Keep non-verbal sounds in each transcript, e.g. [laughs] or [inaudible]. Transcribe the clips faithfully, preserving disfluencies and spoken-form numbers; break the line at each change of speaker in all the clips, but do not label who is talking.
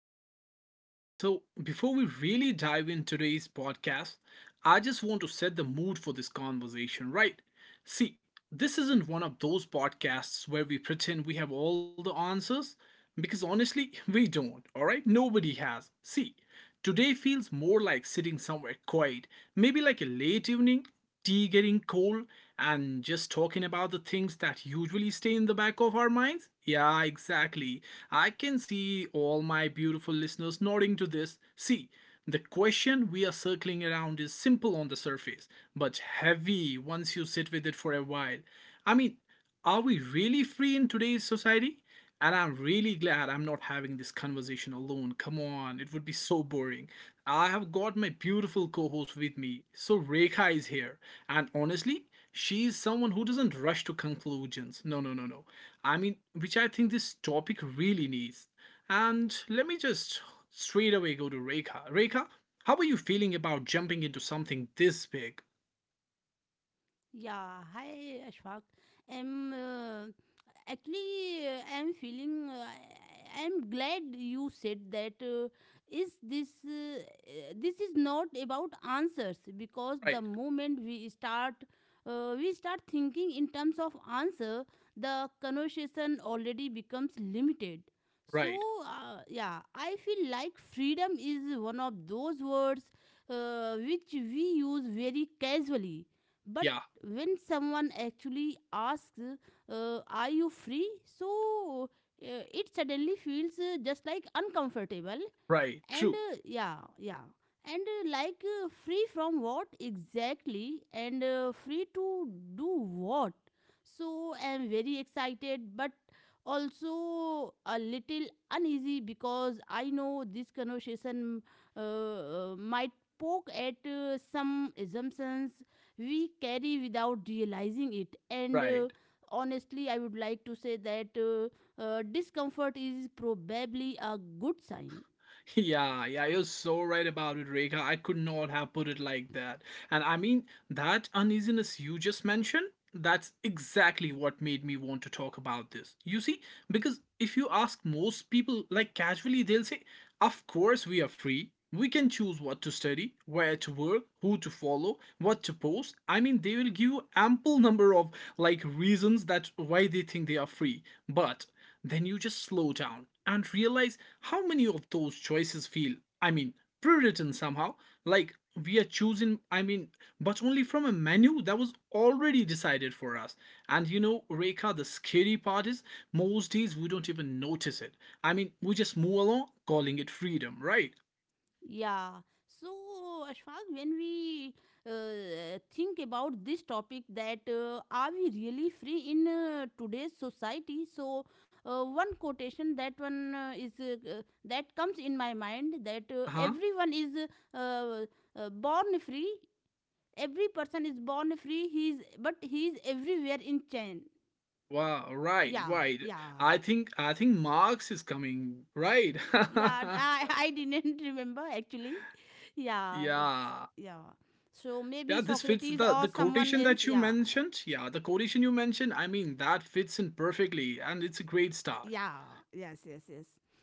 All right, all right. So, before we really dive into today's podcast, I just want to set the mood for this conversation, right? See, this isn't one of those podcasts where we pretend we have all the answers, because honestly, [laughs] we don't, all right? Nobody has. See, today feels more like sitting somewhere quiet, maybe like a late evening, tea getting cold, and just talking about the things that usually stay in the back of our minds. Yeah, exactly. I can see all my beautiful listeners nodding to this. See, the question we are circling around is simple on the surface, but heavy once you sit with it for a while. I mean, are we really free in today's society? And I'm really glad I'm not having this conversation alone. Come on, it would be so boring. I have got my beautiful co host with me. So, Rekha is here. And honestly, she is someone who doesn't rush to conclusions. No, no, no, no. I mean, which I think this topic really needs. And let me just straight away go to Rekha. Rekha, how are you feeling about jumping into something this big?
Yeah, hi Ashfaq. I'm uh, actually uh, I'm feeling uh, I'm glad you said that uh, is this uh, uh, This is not about answers because
Right,
the moment we start uh, we start thinking in terms of answer, the conversation already becomes limited. So
right.
uh, yeah, I feel like freedom is one of those words uh, which we use very casually, but
Yeah,
when someone actually asks, uh, are you free? so uh, it suddenly feels uh, just like uncomfortable,
right.
and
True,
uh, yeah yeah and uh, like uh, free from what exactly, and uh, free to do what? So I'm very excited but also a little uneasy because I know this conversation uh, uh, might poke at uh, some assumptions we carry without realizing it, and uh,
right.
honestly I would like to say that uh, uh, discomfort is probably a good sign.
[laughs] Yeah, yeah, you're so right about it, Rekha. I could not have put it like that. And I mean, that uneasiness you just mentioned, that's exactly what made me want to talk about this. You see, because if you ask most people, like casually, they'll say, Of course, we are free. We can choose what to study, where to work, who to follow, what to post. I mean, they will give you ample number of like reasons that why they think they are free, but then you just slow down and realize how many of those choices feel, I mean, pre-written somehow, like we are choosing, I mean, but only from a menu that was already decided for us. And you know, Reka, the scary part is, most days we don't even notice it. I mean, we just move along calling it freedom, right?
Yeah. So, Ashfaq, when we uh, think about this topic, that uh, are we really free in uh, today's society? So, uh, one quotation that one uh, is uh, uh, that comes in my mind that uh,
Uh-huh.
everyone is uh, uh, born free. Every person is born free. He is, but he is everywhere in chain.
Wow, right,
Yeah,
right.
yeah.
I think i think Marx is coming, right?
Yeah, i
[laughs]
i didn't [laughs] remember actually. yeah
Yeah.
s- yeah So
Yeah,
maybe
this fits the
Socrates
the
or
quotation
someone
that
else,
you
yeah.
mentioned. Yeah, the quotation you mentioned, I mean, that fits in perfectly and it's a great start.
Yeah yes yes yes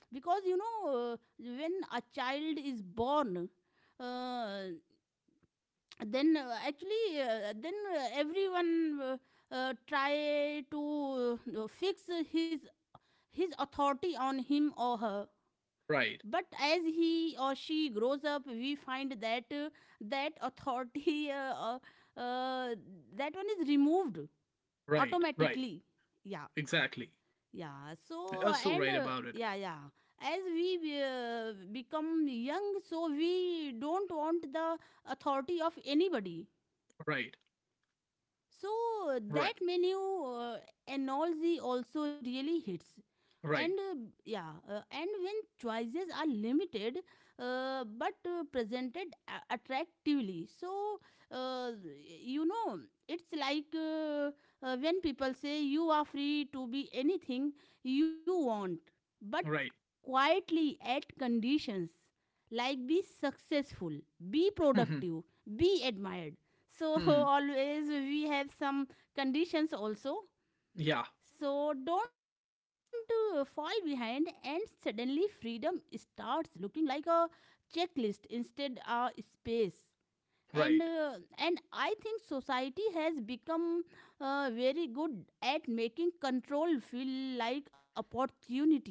Because you know, uh, when a child is born, uh, then uh, actually, uh, then uh, everyone uh, uh, try to uh, fix his his authority on him or her.
Right.
But as he or she grows up we find that uh, that authority [laughs] uh, uh, uh, that one is removed
Right. Right.
automatically, yeah,
Exactly.
yeah. so
You're
uh,
so
and
right
uh,
about it.
yeah yeah as we uh, become young, so we don't want the authority of anybody.
Right.
So uh,
Right.
that menu uh, analogy also really hits. And
Right.
uh, yeah, uh, and when choices are limited uh, but uh, presented a- attractively, so uh, you know, it's like uh, uh, when people say you are free to be anything you want, but
Right.
quietly at conditions like be successful, be
[laughs] Hmm.
productive, be admired. So [laughs]
Hmm.
always we have some conditions also.
Yeah.
So, don't uh, fall behind, and suddenly freedom starts looking like a checklist instead a space. and uh,
Right.
and I think society has become uh, very good at making control feel like opportunity.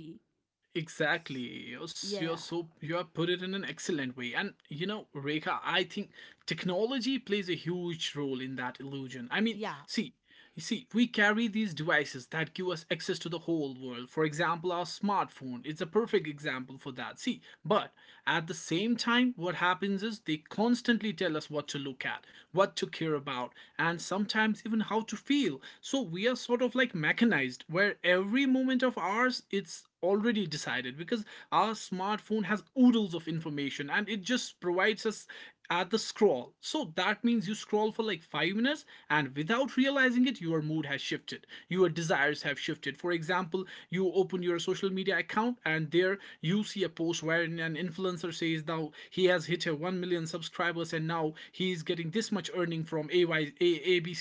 S-
Exactly. You're, s-
yeah
you're so you have put it in an excellent way. And you know, Rekha, I think technology plays a huge role in that illusion. I mean,
Yeah,
see, you see, we carry these devices that give us access to the whole world. For example, our smartphone. It's a perfect example for that. See, but at the same time, what happens is they constantly tell us what to look at, what to care about, and sometimes even how to feel. So we are sort of like mechanized, where every moment of ours it's already decided because our smartphone has oodles of information and it just provides us at the scroll. So that means you scroll for like 5 minutes and without realizing it your mood has shifted. Your desires have shifted. For example, you open your social media account and there you see a post where an influencer says now he has hit a 1 million subscribers and now he is getting this much earning from A Y,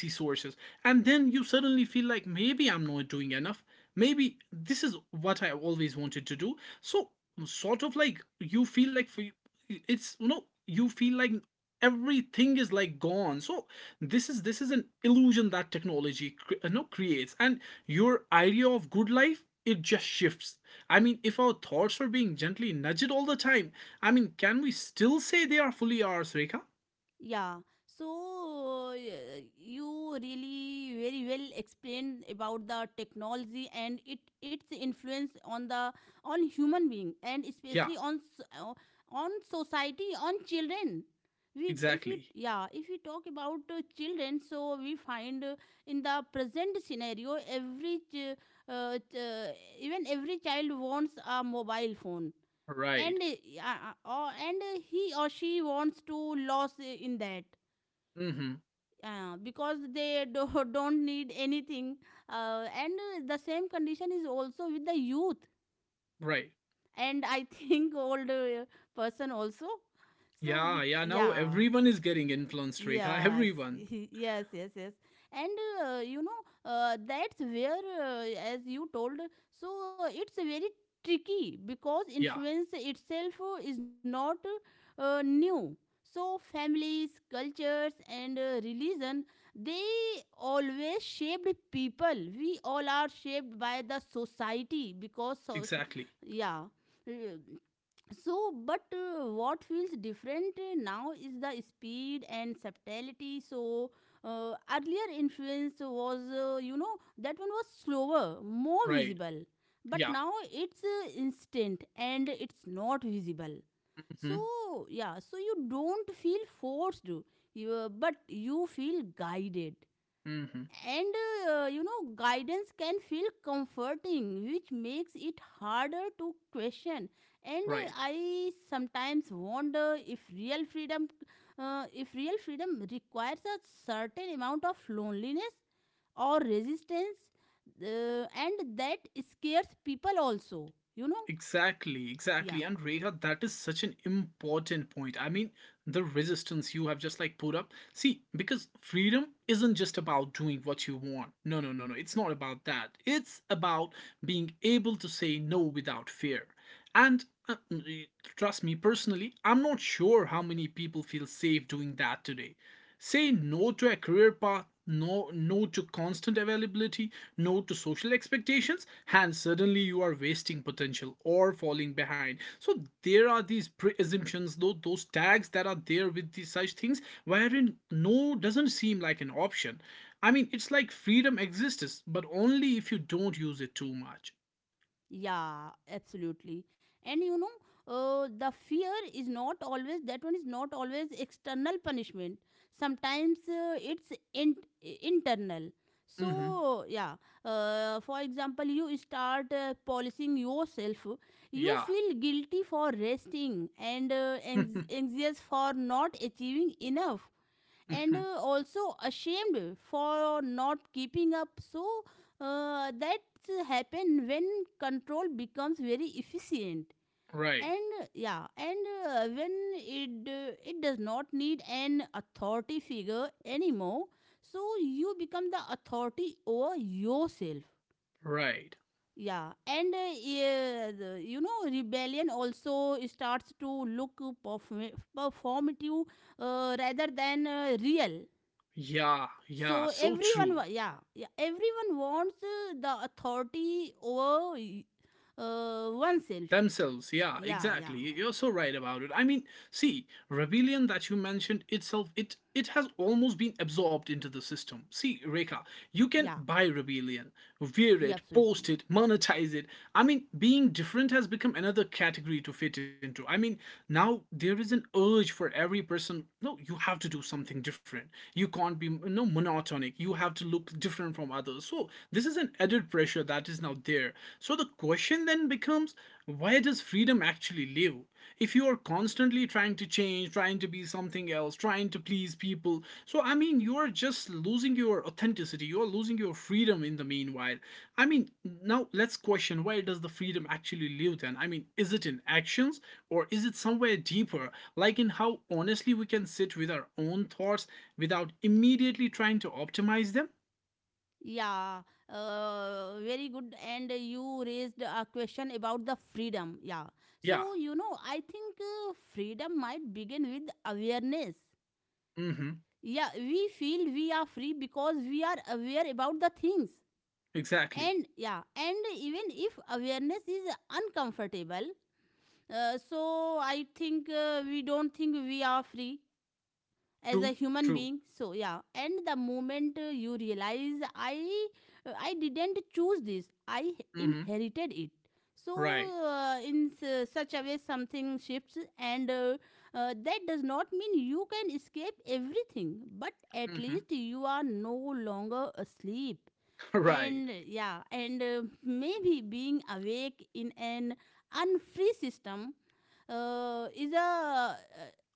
sources. And then you suddenly feel like maybe I'm not doing enough, maybe this is what I always wanted to do. So sort of like you feel like for you, it's you know you feel like everything is like gone. So this is this is an illusion that technology cre- you know, creates and your idea of good life it just shifts. I mean, if our thoughts are being gently nudged all the time, I mean, can we still say they are fully ours, Rekha?
yeah. So uh, you really very well explained about the technology and it its influence on the on human being and
Yeah,
especially on s- uh, on society, on children. We if we
exactly,
yeah if we talk about uh, children, so we find uh, in the present scenario every ch- uh, ch- uh, even every child wants a mobile phone.
right.
And uh, uh, uh, and uh, he or she wants to lose in that
Mm-hmm,
uh, because they do, [laughs] don't need anything. Uh, and uh, The same condition is also with the youth,
right.
and I think [laughs] older person also. so
Yeah,
bec-
yeah. Now
yeah
everyone is getting influenced, Rekha.
Yes, [laughs]
Everyone.
yes, yes, yes. And uh, you know, uh, that's where, uh, as you told, so uh, it's very tricky because
Yeah,
influence itself uh, is not uh, new. So, families, cultures, and uh, religion, they always shaped people. We all are shaped by the society because, so,
exactly.
yeah. Uh, so but uh, what feels different uh, now is the speed and subtlety. So uh, earlier influence was uh, you know, that one was slower, more
Right.
visible, but
Yeah.
now it's uh, instant and it's not visible.
Hmm.
So yeah, so you don't feel forced, you, uh, but you feel guided.
Hmm.
And uh, you know, guidance can feel comforting, which makes it harder to question. And uh,
Right.
I sometimes wonder if real freedom uh, if real freedom requires a certain amount of loneliness or resistance, uh, and that scares people also, you know.
Exactly,
Yeah,
exactly. And Rekha, that is such an important point. I mean, the resistance you have just like put up. See, because freedom isn't just about doing what you want. No, no, no, no. It's not about that. It's about being able to say no without fear. And uh, trust me, personally, I'm not sure how many people feel safe doing that today. Say no to a career path, no no to constant availability, no to social expectations, and suddenly you are wasting potential or falling behind. So there are these pre-assumptions, though those tags that are there with these such things, wherein no doesn't seem like an option. I mean, it's like freedom exists, but only if you don't use it too much.
yeah, absolutely. And you know, uh, the fear is not always, that one is not always external punishment. Sometimes uh, it's in, internal.
Hmm.
So yeah, uh, for example, you start uh, policing yourself. You
Yeah.
feel guilty for resting and uh, anx-
[laughs]
anxious for not achieving enough, and
Mhm.
uh, also ashamed for not keeping up. So uh, that happen when control becomes very efficient,
Right,
and uh, yeah and uh, when it uh, it does not need an authority figure anymore, so you become the authority over yourself,
right.
yeah. And uh, yeah, the- you know, rebellion also starts to look perform- performative uh, rather than uh, real.
Yeah, yeah,
So
so
everyone, wa-
true.
yeah, yeah, everyone wants uh, the authority over uh, oneself.
Themselves, yeah,
Yeah, yeah,
exactly. You're so right about it. I mean, see, rebellion that you mentioned itself, it it has almost been absorbed into the system. See, Reka, you can
yeah,
buy rebellion, wear
yeah,
it, post
absolutely.
it, monetize it. I mean, being different has become another category to fit into. I mean, now there is an urge for every person. No, you have to do something different. You can't be, you know, monotonic. You have to look different from others. So this is an added pressure that is now there. So the question question then becomes, where does freedom actually live? If you are constantly trying to change, trying to be something else, trying to please people, so I mean, you are just losing your authenticity, you are losing your freedom in the meanwhile. I mean, now let's question, where does the freedom actually live then? I mean, is it in actions or is it somewhere deeper, like in how honestly we can sit with our own thoughts without immediately trying to optimize them?
Yeah, uh, very good. And you raised a question about the freedom. Yeah.
Yeah,
So, you know, I think uh, freedom might begin with awareness.
mm hmm,
Yeah, we feel we are free because we are aware about the things.
exactly.
And yeah, and even if awareness is uncomfortable, Uh, so I think uh, we don't think we are free as a
True,
human
true.
being. So yeah, and the moment uh, you realize I uh, I didn't choose this, I
Mm hmm,
inherited it. So
right.
uh, in s- such a way, something shifts, and uh, uh, that does not mean you can escape everything, but at
Hmm.
least
[laughs]
you are no longer asleep.
Right.
And yeah, and uh, maybe being awake in an unfree system uh, is a uh,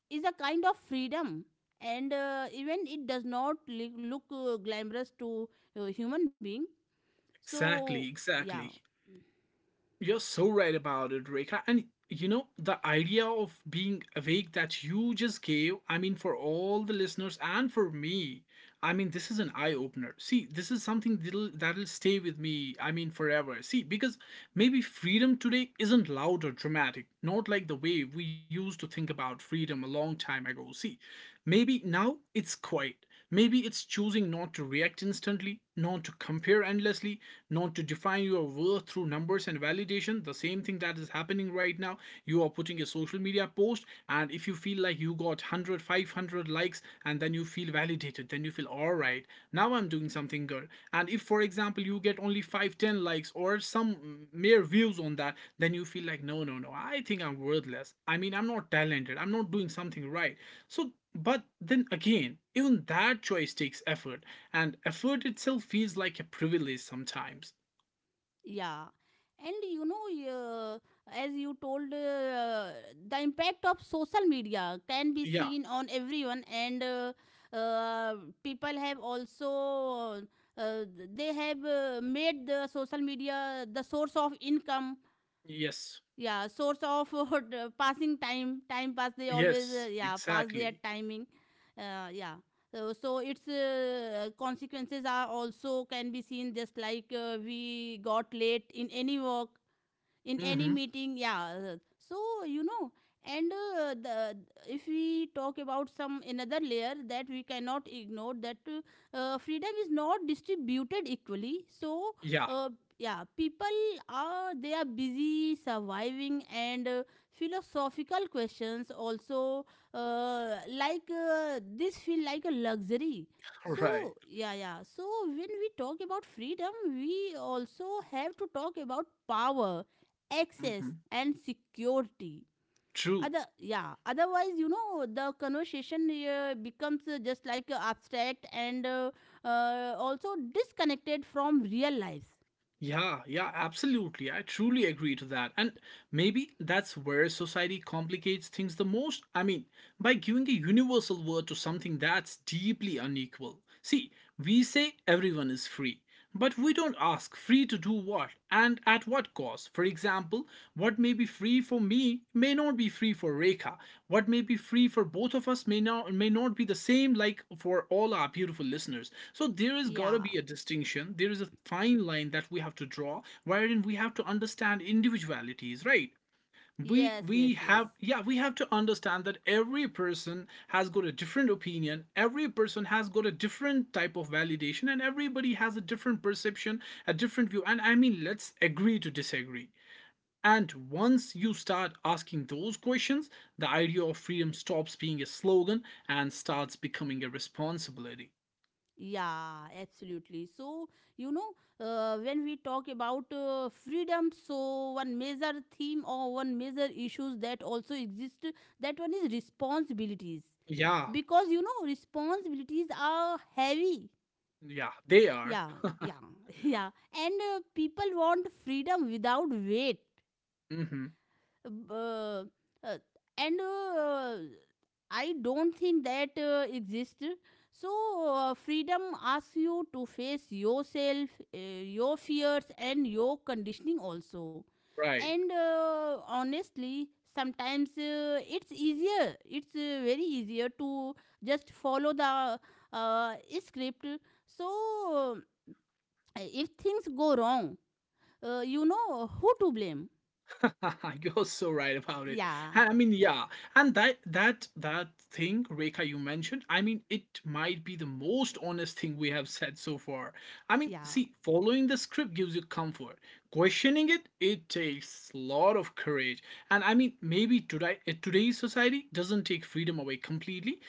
is a kind of freedom, and uh, even it does not li- look uh, glamorous to uh, human being, so
Exactly.
yeah.
Exactly. You're so right about it, Rekha. And you know, the idea of being awake that you just gave, I mean, for all the listeners and for me, I mean, this is an eye opener. See, this is something that'll, that'll stay with me, I mean, forever. See, because maybe freedom today isn't loud or dramatic, not like the way we used to think about freedom a long time ago. See, maybe now it's quiet. Maybe it's choosing not to react instantly, not to compare endlessly, not to define your worth through numbers and validation. The same thing that is happening right now. You are putting a social media post, and if you feel like you got one hundred, five hundred likes, and then you feel validated, then you feel all right, now I'm doing something good. And if, for example, you get only five, ten likes or some mere views on that, then you feel like, no, no, no, I think I'm worthless. I mean, I'm not talented, I'm not doing something right. So but then again, even that choice takes effort, and effort itself feels like a privilege sometimes.
Yeah, and you know, uh, as you told, uh, the impact of social media can be
Yeah,
seen on everyone, and uh, uh, people have also uh, they have uh, made the social media the source of income,
yes,
yeah, source of [laughs] uh, passing time, time pass, they always uh,
yes,
yeah, pass their
exactly.
timing. uh, yeah so, so its uh, consequences are also can be seen, just like uh, we got late in any work, in any
Mm-hmm.
meeting, yeah. Uh, so you know, and uh, the, if we talk about some another layer that we cannot ignore, that uh, uh, freedom is not distributed equally. So
Yeah,
uh, yeah, people are, they are busy surviving, and uh, philosophical questions also uh, like uh, this feel like a luxury.
[laughs] right.
So yeah yeah so when we talk about freedom, we also have to talk about power, access
Mm-hmm.
and security.
True.
Other yeah otherwise, you know, the conversation uh, becomes uh, just like uh, abstract, and uh, uh, also disconnected from real lives.
Yeah, yeah, absolutely. I truly agree to that. And maybe that's where society complicates things the most. I mean, by giving a universal word to something that's deeply unequal. See, we say everyone is free, but we don't ask free to do what and at what cost. Was. For example, what may be free for me may not be free for Rekha. What may be free for both of us may not may not be the same, like for all our beautiful listeners. So there is gotta
yeah
be a distinction. There is a fine line that we have to draw wherein we have to understand individualities, right? we
yes yes
we
yes
have, yeah, we have to understand that every person has got a different opinion, every person has got a different type of validation, and everybody has a different perception, a different view, and, I mean, let's agree to disagree. And once you start asking those questions, the idea of freedom stops being a slogan and starts becoming a responsibility.
yeah, absolutely. So you know, uh, when we talk about uh, freedom, so one major theme or one major issues that also exist, that one is responsibilities.
Yeah,
Because you know, responsibilities are heavy.
yeah, they are.
Yeah, yeah, [laughs] yeah. And uh, people want freedom without weight.
Hmm,
Uh, uh, and uh, I don't think that uh, exists. So, uh, freedom asks you to face yourself, uh, your fears, and your conditioning also.
right.
And uh, honestly, sometimes uh, it's easier, it's uh, very easier to just follow the uh, script. So, uh, if things go wrong, uh, you know who to blame.
[laughs] You're so right about it.
Yeah,
And I mean, yeah, and that that that thing, Rekha, you mentioned. I mean, it might be the most honest thing we have said so far. I mean,
yeah,
see, following the script gives you comfort. Questioning it, it takes a lot of courage. And I mean, maybe today uh, today's society doesn't take freedom away completely.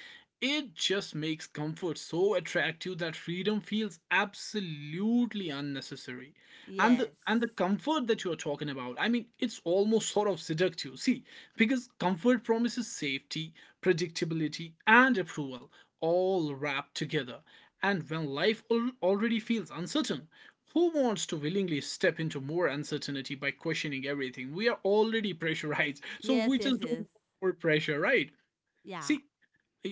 It just makes comfort so attractive that freedom feels absolutely unnecessary. And the
yes,
and the comfort that you're talking about, I mean, it's almost sort of seductive, see, because comfort promises safety, predictability, and approval, all wrapped together. And when life al- already feels uncertain, who wants to willingly step into more uncertainty by questioning everything? We are already [laughs] pressurized, so we
yes, yes,
just don't
yes,
want more pressure, right?
yeah.
See,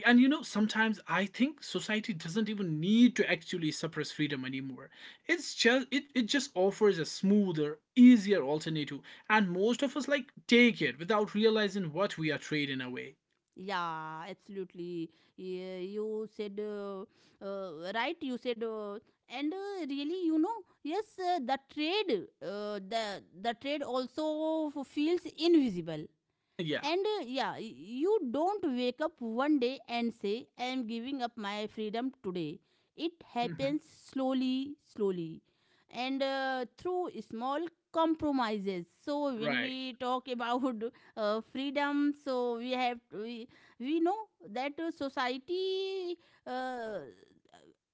and you know, sometimes I think society doesn't even need to actually suppress freedom anymore. It's just it, it just offers a smoother, easier alternative, and most of us like take it without realizing what we are trading away.
Yeah, absolutely. Yeah, you said uh, uh, right. You said, uh, and uh, really, you know, yes, uh, the trade, uh, the the trade also f- feels invisible.
Yeah.
And uh, yeah, you don't wake up one day and say, I am giving up my freedom today. It
Hmm.
happens slowly, slowly, and uh, through small compromises. So, when
Right.
we talk [laughs] about uh, freedom, so we have, we, we know that uh, society. Uh,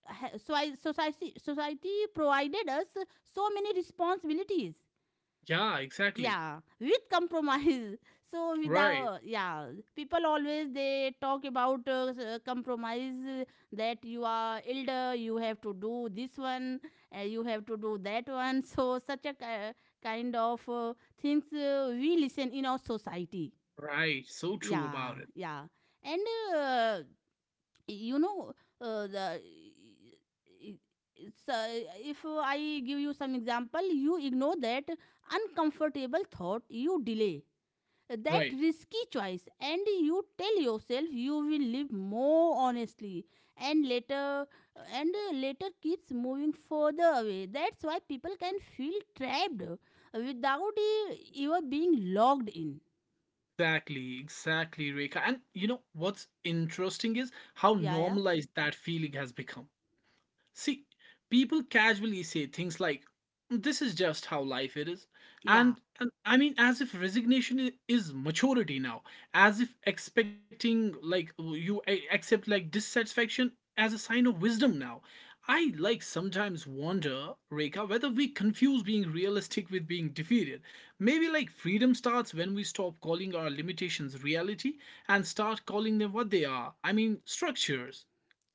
ha- so I, society society provided us so many responsibilities,
Yeah, exactly.
yeah, with compromise. [laughs] so
Right,
without yeah People always, they talk about uh, s- uh, compromise, uh, that you are elder, you have to do this one, uh, you have to do that one. [laughs] So such a ki- kind of uh, things uh, we listen in our society,
right. So true
yeah,
about it.
yeah. And uh, you know, uh, the it's, uh, if I give you some example, you ignore that uncomfortable thought, you delay that
Right.
risky choice, and you tell yourself you will live more honestly. And later, and uh, later keeps moving further away. That's why people can feel trapped without e- ever being logged in,
Exactly, exactly, Reka, and you know what's interesting is how
yeah. yeah
normalized that feeling has become. See, people casually say things like, this is just how life it is.
yeah
And, and I mean, as if resignation i- is maturity now, as if expecting, like, you a- accept, like, dissatisfaction as a sign of wisdom now. I, like, sometimes wonder, Reka, whether we confuse being realistic with being defeated. Maybe, like, freedom starts when we stop calling our limitations reality and start calling them what they are. I mean, structures,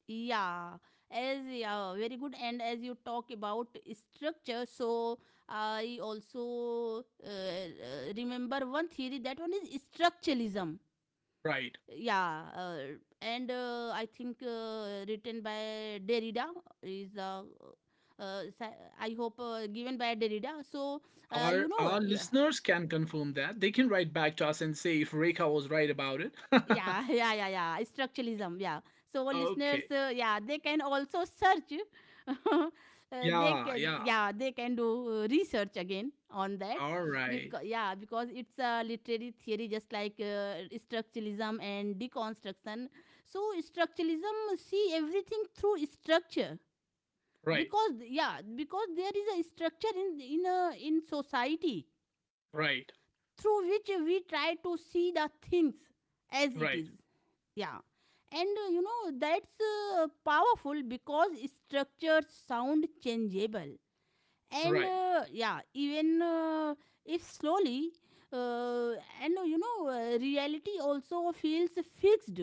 yeah as yeah, very good. And as you talk about structure, so I also uh, uh, remember one theory, that one is structuralism.
right?
Yeah, uh, and uh, I think uh, written by Derrida, is uh, uh, sci- I hope uh, given by Derrida. So uh, you
Our
know,
our
yeah,
listeners can confirm that. They can write back to us and say if Rekha was right about it. [laughs]
yeah [laughs] yeah, yeah, yeah, structuralism, yeah. So listeners,
Okay.
uh, yeah, they can also search. [laughs] uh, they
Yeah,
can
yeah.
yeah they can do uh, research again on that.
All
Because
right.
yeah, because it's a literary theory, just like uh, structuralism and deconstruction. So structuralism see everything through structure,
Right.
because yeah, because there is a structure in in a, in society,
Right.
through which we try to see the things as it
Right.
is, yeah. And uh, you know, that's uh, powerful because structures sound changeable, and
Right.
uh, yeah, even uh, If slowly. uh, and uh, you know uh, reality also feels fixed.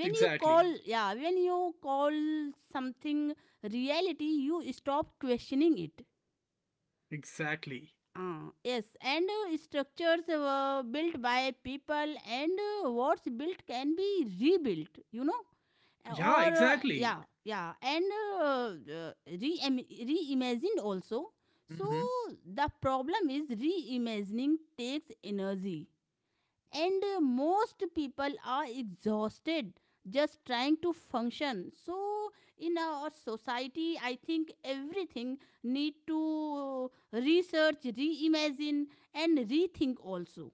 When you
Exactly.
call, yeah, when you call something reality, you stop questioning it.
Exactly.
Uh, yes, and uh, structures were built by people. And uh, what's built can be rebuilt you know Eh,
Yeah,
or uh,
exactly.
yeah, yeah. And uh, uh, re-im- reimagined also. So
Hmm.
the problem is reimagining takes energy, and uh, most people are exhausted just trying to function. So in our society I think everything need to research, reimagine, and rethink also.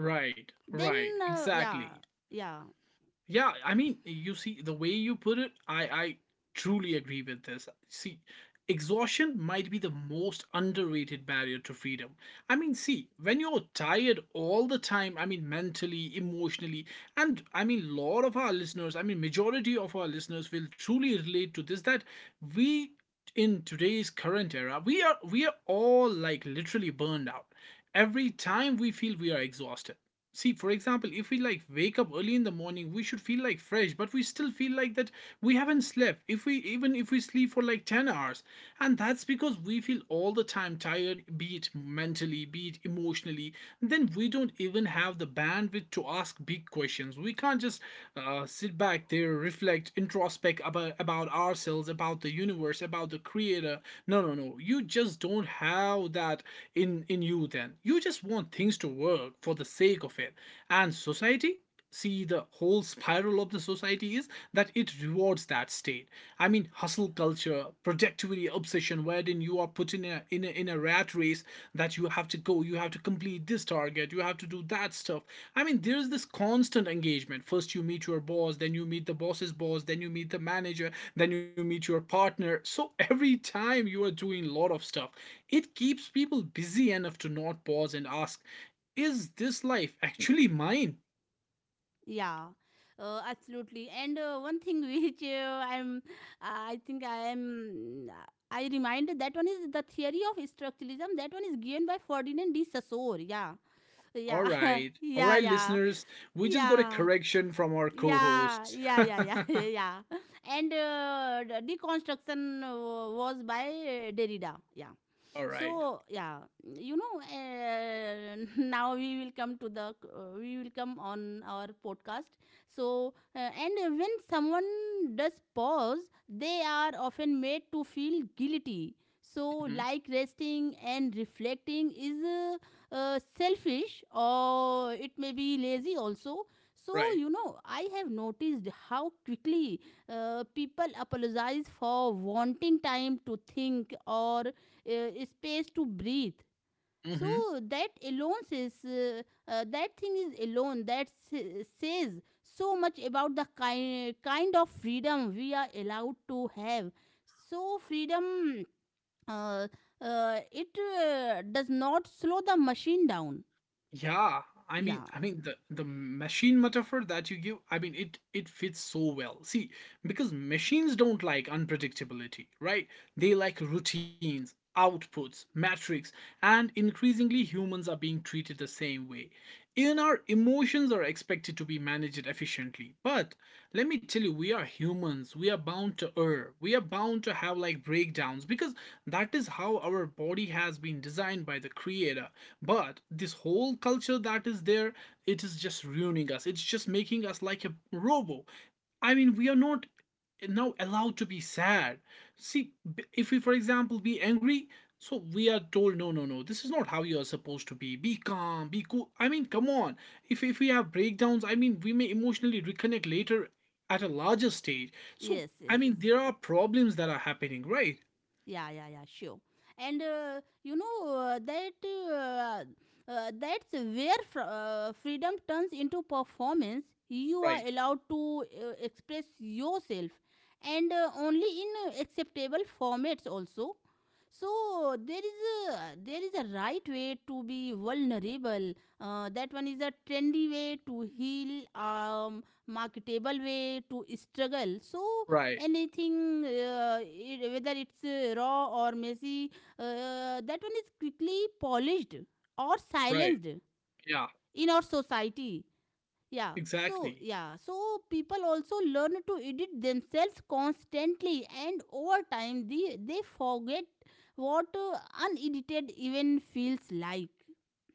Right.
Then
Right.
uh, yeah,
Exactly.
yeah.
Yeah, I mean, you see, the way you put it, I, I truly agree with this. See, exhaustion might be the most underrated barrier to freedom. I mean, see, when you're tired all the time, I mean, mentally, emotionally, and I mean, lot of our listeners, I mean, majority of our listeners will truly relate to this, that we, in today's current era, we are we are all like literally burned out. Every time we feel we are exhausted. See, for example, if we like wake up early in the morning, we should feel like fresh, but we still feel like that we haven't slept, if we, even if we sleep for like ten hours. And that's because we feel all the time tired, be it mentally, be it emotionally. Then we don't even have the bandwidth to ask big questions. We can't just uh, sit back there, reflect, introspect about, about ourselves, about the universe, about the creator. No, no, no. You just don't have that in, in you then. You just want things to work for the sake of it. And society? See, the whole spiral of the society is that it rewards that state. I mean, hustle culture, productivity obsession, wherein you are put in a, in a in a rat race, that you have to go, you have to complete this target, you have to do that stuff. I mean, there's this constant engagement. First you meet your boss, then you meet the boss's boss, then you meet the manager, then you meet your partner. So every time you are doing a lot of stuff, it keeps people busy enough to not pause and ask, is this life actually mine?
Yeah, uh, absolutely. And uh, one thing [laughs] which uh, I'm, uh, I think I am, uh, I remind that one is the theory of structuralism. That one is given by Ferdinand de Saussure. Yeah,
All
yeah, [laughs]
right. All
yeah,
right,
yeah,
listeners. We just got a
yeah.
correction from our co
Yeah,
hosts. [laughs]
yeah,
All
yeah, yeah, [laughs] yeah. And uh, the deconstruction uh, was by uh, Derrida. Yeah,
right.
so yeah, you know, uh, [laughs] now we will come to the uh, we will come on our podcast. So uh, and uh, when someone does pause, they are often made to feel guilty. So
Mhm.
like resting and reflecting is uh, uh, selfish, or it may be lazy also. So
Right.
you know I have noticed how quickly uh, people apologize for wanting time to think or uh, space to breathe.
Hmm.
So that alone says, uh, uh, that thing is alone, that sa- says so much about the ki- kind of freedom we are allowed to have. So freedom, uh, uh, it uh, does not slow the machine down.
Yeah, I mean,
Yeah.
I mean the the machine metaphor that you give, I mean it it fits so well. See, because machines don't like unpredictability, right? They like routines, outputs, metrics, and increasingly humans are being treated the same way. Even our emotions are expected to be managed efficiently. But let me tell you, we are humans. We are bound to err. We are bound to have like breakdowns, because that is how our body has been designed by the creator. But this whole culture that is there, it is just ruining us. It's just making us like a robo. I mean, we are not now allowed to be sad. See, if we, for example, be angry, so we are told, no, no, no, this is not how you are supposed to be. Be calm, be cool. I mean, come on. If, if we have breakdowns, I mean, we may emotionally reconnect later at a larger stage. So,
Yes,
I
yes.
mean, there are problems that are happening, right?
Yeah, yeah, yeah, sure. And uh, you know, uh, that uh, uh, that's where fr- uh, freedom turns into performance. You are
Right.
allowed to uh, express yourself, and uh, only in uh, acceptable formats also. So there is a, there is a right way to be vulnerable. Uh, that one is a trendy way to heal, um, marketable way to struggle. So
Right,
anything, uh, it- whether it's uh, raw or messy, uh, uh, that one is quickly polished or
right.
silenced
Yeah,
in our society. Yeah, so
exactly.
yeah, so people also learn to edit themselves constantly, and over time they, they forget what uh, unedited even feels like.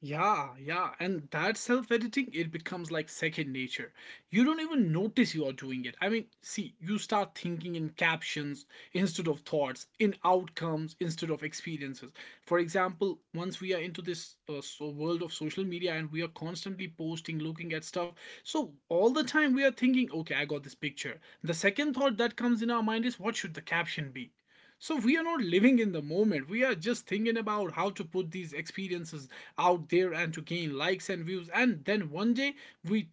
Yeah, yeah. And that self editing, it becomes like second nature. You don't even notice you are doing it. I mean, see, you start thinking in captions instead of thoughts, in outcomes instead of experiences. For example, once we are into this uh, so world of social media and we are constantly posting, looking at stuff, so all the time we are thinking, okay, I got this picture. The second thought that comes in our mind is, what should the caption be? So we are not living in the moment. We are just thinking about how to put these experiences out there and to gain likes and views. And then one day we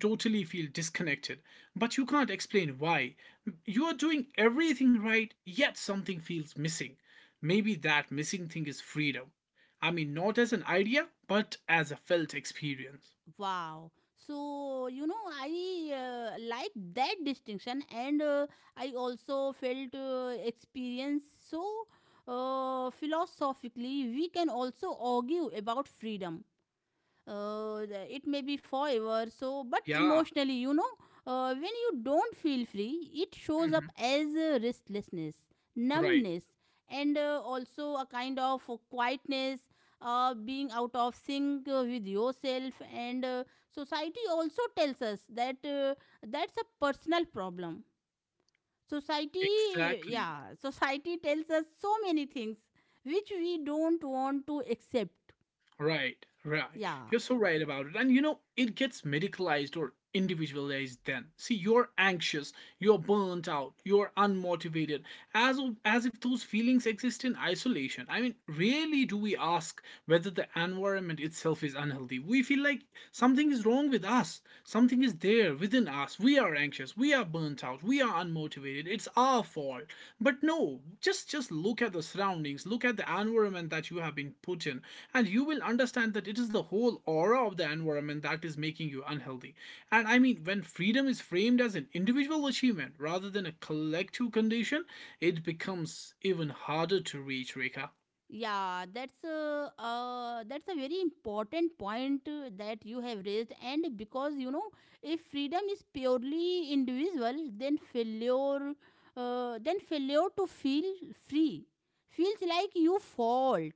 totally feel disconnected. But you can't explain why. You are doing everything right, yet something feels missing. Maybe that missing thing is freedom. I mean, not as an idea, but as a felt experience.
Wow. So, you know, I uh, like that distinction. And uh, I also felt uh, experience. So, uh, philosophically, we can also argue about freedom. Uh, the- it may be forever, so but
Yeah.
emotionally you know uh, when you don't feel free, it shows up
Mhm.
as uh, restlessness,
Right.
numbness, and uh, also a kind of uh, quietness, uh, being out of sync uh, with yourself. And uh, society also tells us that uh, that's a personal problem. Society,
Exactly.
yeah, society tells us so many things which we don't want to accept.
Right, right.
Yeah.
You're so right about it. And you know, it gets medicalized or individualized then. See, you're anxious, you're burnt out, you're unmotivated, as of, as if those feelings exist in isolation. I mean, rarely do we ask whether the environment itself is unhealthy. We feel like something is wrong with us. Something is there within us. We are anxious, we are burnt out, we are unmotivated. It's our fault. But no, just just look at the surroundings, look at the environment that you have been put in, and you will understand that it is the whole aura of the environment that is making you unhealthy. And I mean, when freedom is framed as an individual achievement rather than a collective condition, it becomes even harder to reach, Rekha.
Yeah, that's a, uh, that's a very important point uh, that you have raised. And because you know, if freedom is purely individual, then failure, uh, then failure to feel free feels like you fault.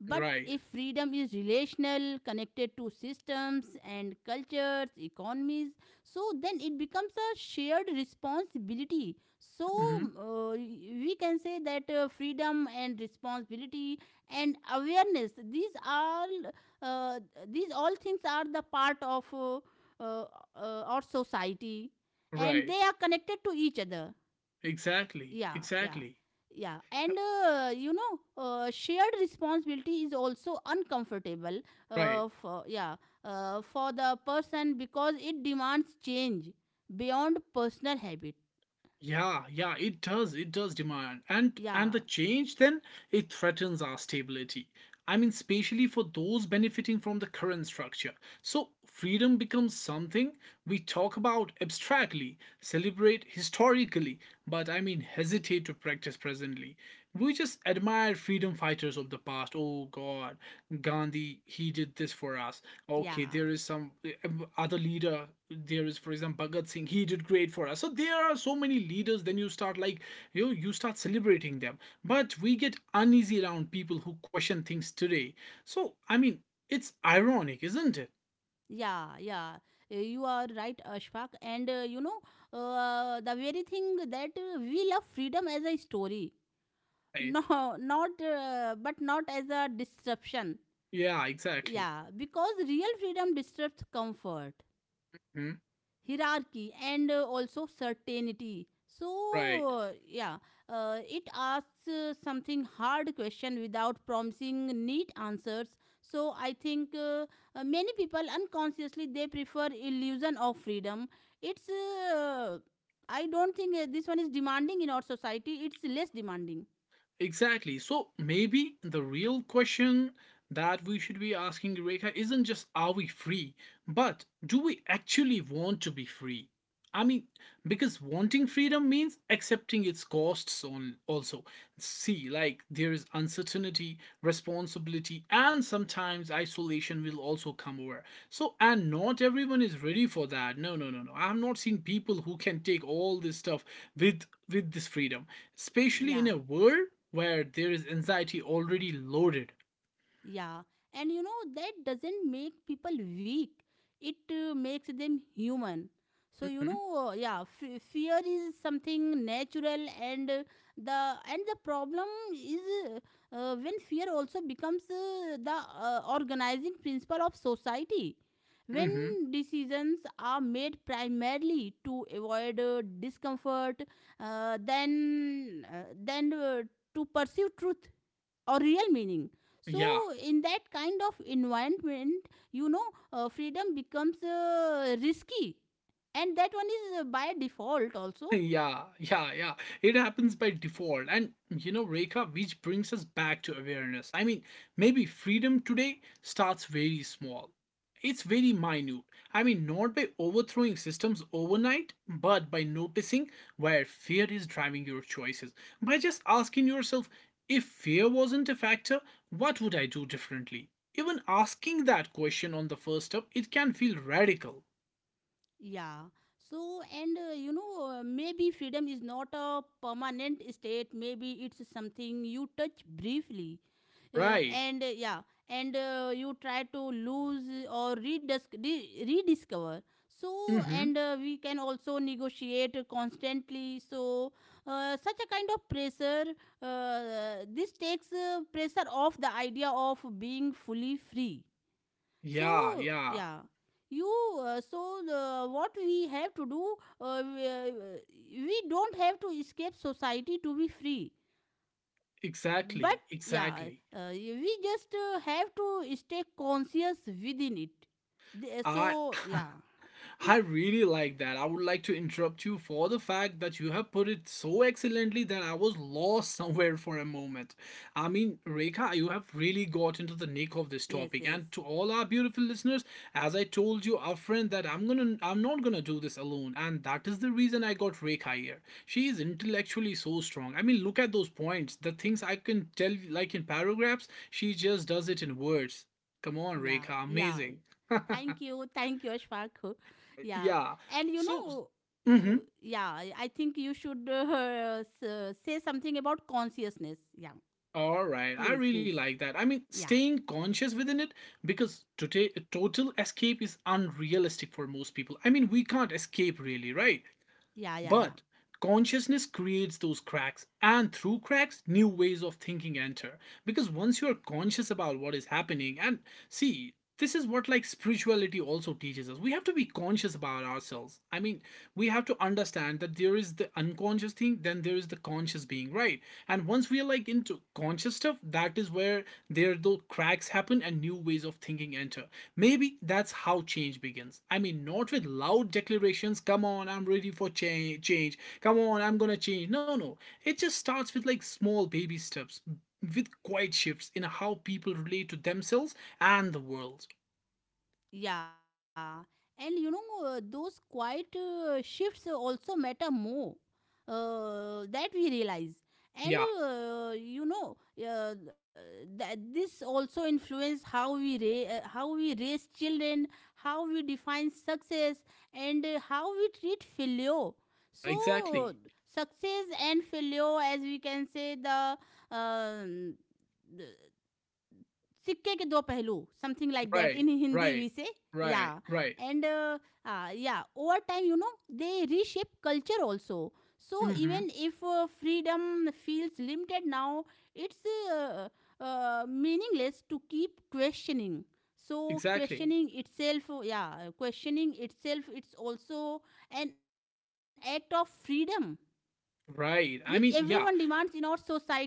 But
Right.
if freedom is relational, connected to systems and cultures, economies, so then it becomes a shared responsibility. So
Hmm.
um, uh, we can say that uh, freedom and responsibility and awareness, these all, uh, these all things are the part of uh, uh, uh, our society, and
Right.
they are connected to each other.
Exactly.
Yeah, yeah,
Exactly.
yeah.
Yeah.
And uh, you know, uh, shared responsibility is also uncomfortable,
Right.
uh, for yeah, uh, for the person because it demands change beyond personal habit.
Yeah, yeah, it does. It does demand. And and
Yeah,
the change then it threatens our stability. I mean, especially for those benefiting from the current structure. So freedom becomes something we talk about abstractly, celebrate historically, but I mean hesitate to practice presently. We just admire freedom fighters of the past. Oh god. God, Gandhi, he did this for us. Okay,
yeah.
there is some um, other leader. There is, for example, Bhagat Singh, he did great for us. So there are so many leaders. Then you start like, you know, you start celebrating them. But we get uneasy around people who question things today. So I mean, it's ironic, isn't it?
Yeah, yeah, uh, you are right, Ashfaq. And uh, you know, uh, the very thing that uh, we love freedom as a story,
Right.
no, [laughs] not uh, but not as a disruption.
Yeah, exactly.
Yeah, because real freedom disrupts comfort,
Hmm?
hierarchy, and uh, also certainty.
Right.
So uh, yeah, uh, it asks uh, something hard question without promising neat answers. So I think uh, uh, many people unconsciously they prefer illusion of freedom. It's uh, I don't think uh, this one is demanding in our society, it's less demanding.
Exactly. So maybe the real question that we should be asking, Rekha, isn't just, are we free, but do we actually want to be free? I mean, because wanting freedom means accepting its costs on also. See, like, there is uncertainty, responsibility, and sometimes isolation will also come over. So, and not everyone is ready for that. No, no, no, no. I've not seen people who can take all this stuff with with this freedom, especially in
Yeah.
a world where there is anxiety already loaded.
Yeah, and you know that doesn't make people weak. It uh, makes them human. So you
Hmm.
know, uh, yeah, f- fear is something natural. And uh, the and the problem is uh, uh, when fear also becomes uh, the uh, organizing principle of society.
Hmm.
When decisions are made primarily to avoid uh, discomfort, uh, then uh, then uh, to pursue truth or real meaning. So
Yeah.
in that kind of environment you know uh, freedom becomes uh, risky, and that one is uh, by default also.
[laughs] Yeah, yeah, yeah. It happens by default. And you know, Rekha, which brings us back to awareness. I mean, maybe freedom today starts very small. It's very minute. I mean, not by overthrowing systems overnight, but by noticing where fear is driving your choices. By just asking yourself, if fear wasn't a factor, what would I do differently? Even asking that question on the first step, it can feel radical,
Yeah. So, and uh, you know, uh, maybe freedom is not a permanent state. Maybe it's something you touch briefly. Uh,
right?
and uh, yeah, and uh, you try to lose or redis- re- rediscover.
Mm
So,
hmm.
and uh, we can also negotiate constantly. So uh, such a kind of pressure, uh, this takes uh, pressure off the idea of being fully free.
Yeah,
So
yeah.
yeah, you, uh, so uh, what we have to do, uh, we, uh, we don't have to escape society to be free. But
Exactly,
yeah,
exactly.
uh, we just uh, have to stay conscious within it. The-
I
so
[laughs]
yeah,
I really like that. I would like to interrupt you for the fact that you have put it so excellently that I was lost [laughs] somewhere for a moment. I mean, Rekha, you have really got into the nick of this
yes,
topic.
yes,
And to all our beautiful listeners, as I told you, our friend, that I'm gonna I'm not gonna do this alone. And that is the reason I got Rekha here. She is intellectually so strong. I mean, look at those points. The things I can tell you, like in paragraphs, she just does it in words. Come on,
yeah,
Rekha,
yeah.
amazing. [laughs]
Thank you, thank you, Ashfaq. [laughs] Yeah,
Yeah.
and you
So,
know,
mm-hmm.
you, yeah, I I think you should uh, s- say something about consciousness. Yeah,
All right. I
please,
really
please.
like that. I mean,
Yeah.
staying conscious within it, because today total escape is unrealistic for most people. I mean, we can't escape really, right?
Yeah, yeah,
But
yeah.
consciousness creates those cracks, and through cracks, new ways of thinking enter. Because once you're conscious about what is happening, and see, this is what like spirituality also teaches us. We have to be conscious about ourselves. I mean, we have to understand that there is the unconscious thing, then there is the conscious being, right? And once we are like into conscious conscious stuff, that is where there those cracks happen and new ways of thinking enter. Maybe that's how change begins. I mean, not with loud declarations, come on, I'm ready for change, change. Come on, I'm gonna change. No, no. It just starts with like small baby steps, with quiet shifts in how people relate to themselves and the world.
Yeah. And you know, uh, those quiet uh, shifts also matter more uh, that we realize.
Yeah,
And uh, you know, uh, th- this also influence how we ra- uh, how we raise children, how we define success, and uh, how we treat failure. So
exactly.
success and failure, as we can say, the um, the सिक्के के दो पहलू something like that
Right,
in Hindi
right,
we say yeah
right, right.
And yeah over time you know they reshape culture also so
Mhm.
Even if freedom feels limited now it's meaningless to keep questioning. So,
Exactly.
questioning itself, yeah, questioning itself, it's also an act of freedom which
Right.
everyone
I mean,
demands in
yeah,
our society. Yeah,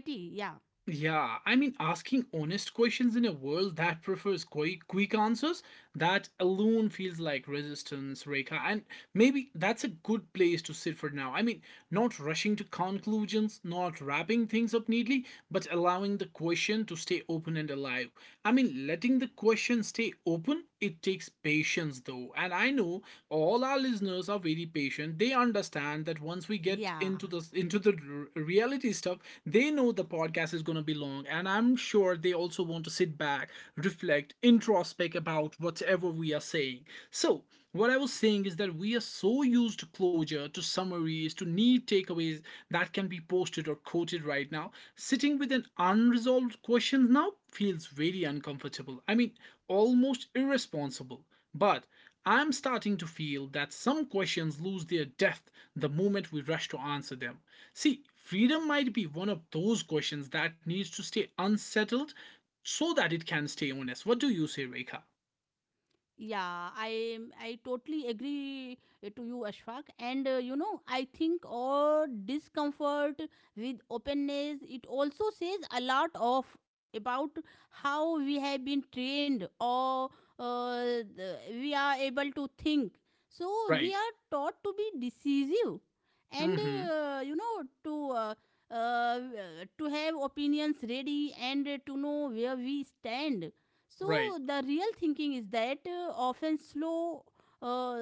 yeah, I mean, asking honest questions in a world that prefers quick, quick answers, that alone feels like resistance, Rekha. And maybe that's a good place to sit for now. I mean, not rushing to conclusions, not wrapping things up neatly, but allowing the question to stay open and alive. I mean, letting the question stay open, it takes patience, though know, and I know all our listeners are very patient. They understand that once we get
yeah.
into the into the r- reality stuff, they know the podcast is going to be long, and I'm sure they also want to sit back, reflect, introspect about whatever we are saying. So, what I was saying is that we are so used to closure, to summaries, to neat takeaways that can be posted or quoted right now. Sitting with an unresolved question now feels very uncomfortable. I mean, almost irresponsible. But I'm starting to feel that some questions lose their depth the moment we rush to answer them. See, freedom might be one of those questions that needs to stay unsettled so that it can stay honest. What do you say, Rekha?
Yeah, I I totally agree uh, to you, Ashfaq. And uh, you know, I think all discomfort with openness it also says a lot of about how we have been trained, or uh, the, we are able to think. So we
Right.
are taught to be decisive, and
Mm-hmm.
uh, you know to. Uh, uh, to have opinions ready and to know where we stand. So
Right.
the real thinking is that uh, often slow, uh,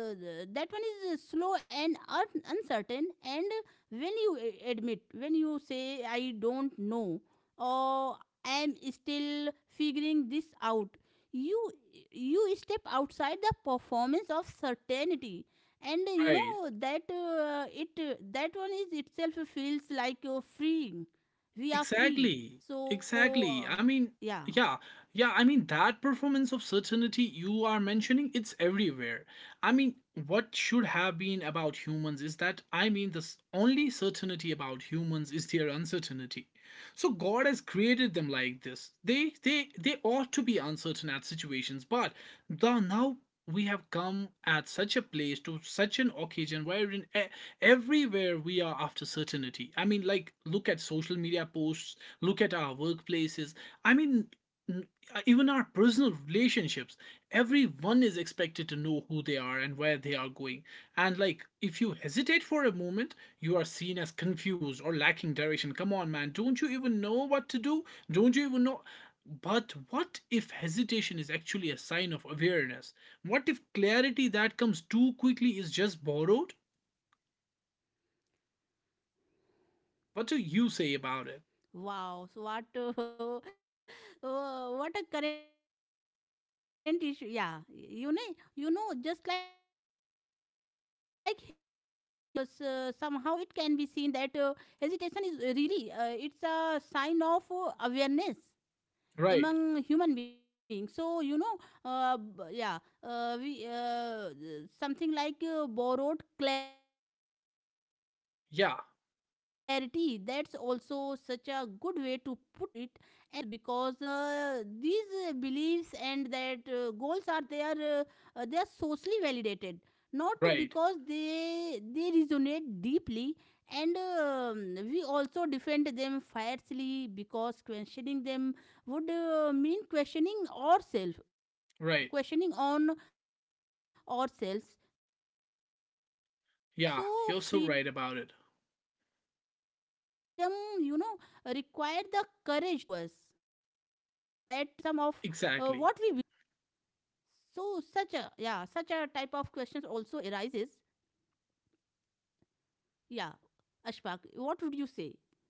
that one is uh, slow and un- uncertain. And when you a- admit, when you say I don't know, or I'm still figuring this out, you you step outside the performance of certainty. And you
Right.
know that uh, it uh, that one is itself feels like uh, freeing. We are free,
Exactly.
so uh,
Exactly. I mean,
yeah.
yeah, yeah. I mean, that performance of certainty you are mentioning, it's everywhere. I mean, what should have been about humans is that, I mean, the s- only certainty about humans is their uncertainty. So God has created them like this. They they they ought to be uncertain at situations, but the, now we have come at such a place, to such an occasion wherein e- everywhere we are after certainty. I mean, like look at social media posts, look at our workplaces. I mean, n- uh, even our personal relationships, everyone is expected to know who they are and where they are going, and like if you hesitate for a moment, you are seen as confused or lacking direction. Come on, man, don't you even know what to do? Don't you even know? But what if hesitation is actually a sign of awareness? What if clarity that comes too quickly is just borrowed? What do you say about it?
Wow, so what uh, [laughs] uh, what a current issue. Yeah, you know, you know, just like hesitation. When we talk about hesitation, so uh, s- somehow it can be seen that uh, hesitation is uh, really, uh, it's a sign of uh, awareness
Right.
among human beings. So you know, uh, b- yeah, uh, we uh, something like uh, borrowed clarity, that's also such a good way
Yeah.
to put it. And uh, we also adopt uh, beliefs and goals because uh, uh, these uh, beliefs and that uh, goals are, they are, uh, uh, they are socially validated, not
Right,
because they they resonate deeply. And um, we also defend them fiercely because questioning them would uh, mean questioning ourselves,
right.
questioning on ourselves.
Yeah, you're so right
So
about it.
freedom, you know, required the courage to admit uh, that uh, some of uh, what we
Exactly.
believe might not actually belong to us. So such a, yeah, such a type of questions also arises. Yeah.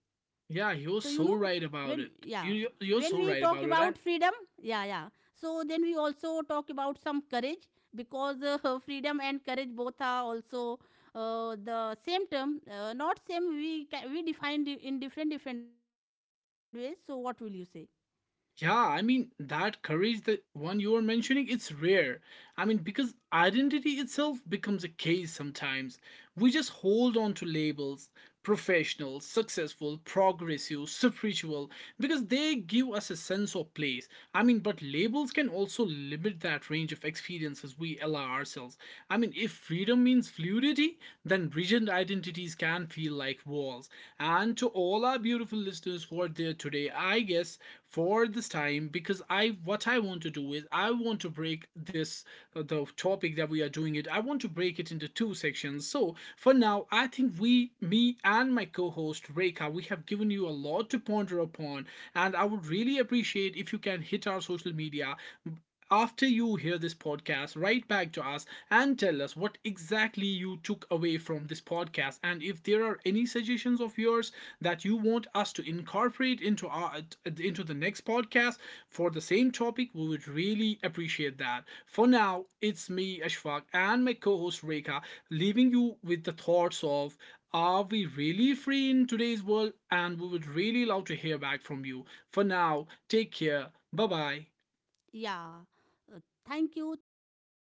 Yeah,
Ashfaq,
you're
what would you
so
say?
right about it. You you-
So you
you're
know,
so right
when
about it. And
yeah when we talk about freedom, yeah, yeah, so then we also talk about some courage. Because uh, [laughs] freedom and courage both are also uh, the same term, uh, not same, we ca- we defined in different different ways. So what will you say?
yeah, I mean that courage, the one you are mentioning, it's rare. I mean, because identity itself becomes a case sometimes. We just hold on to labels, professional, successful, progressive, spiritual, because they give us a sense of place. I mean, but labels can also limit that range of experiences we allow ourselves. I mean, if freedom means fluidity, then rigid identities can feel like walls. Yourselves. And to all our beautiful listeners who are there today, I guess for this time, because I, what I want to do is I want to break this uh, the topic that we are doing it. I want to break it into two sections. So for now, I think we, me, and my co-host Reka, we have given you a lot to ponder upon, and I would really appreciate if you can hit our social media after you hear this podcast, write back to us and tell us what exactly you took away from this podcast. And if there are any suggestions of yours that you want us to incorporate into our into the next podcast for the same topic, we would really appreciate that. For now, it's me, Ashfaq, and my co-host Rekha, leaving you with the thoughts of, are we really free in today's world? And we would really love to hear back from you. For now, take care. Bye bye.
Yeah, uh, thank you, thank you, ashfa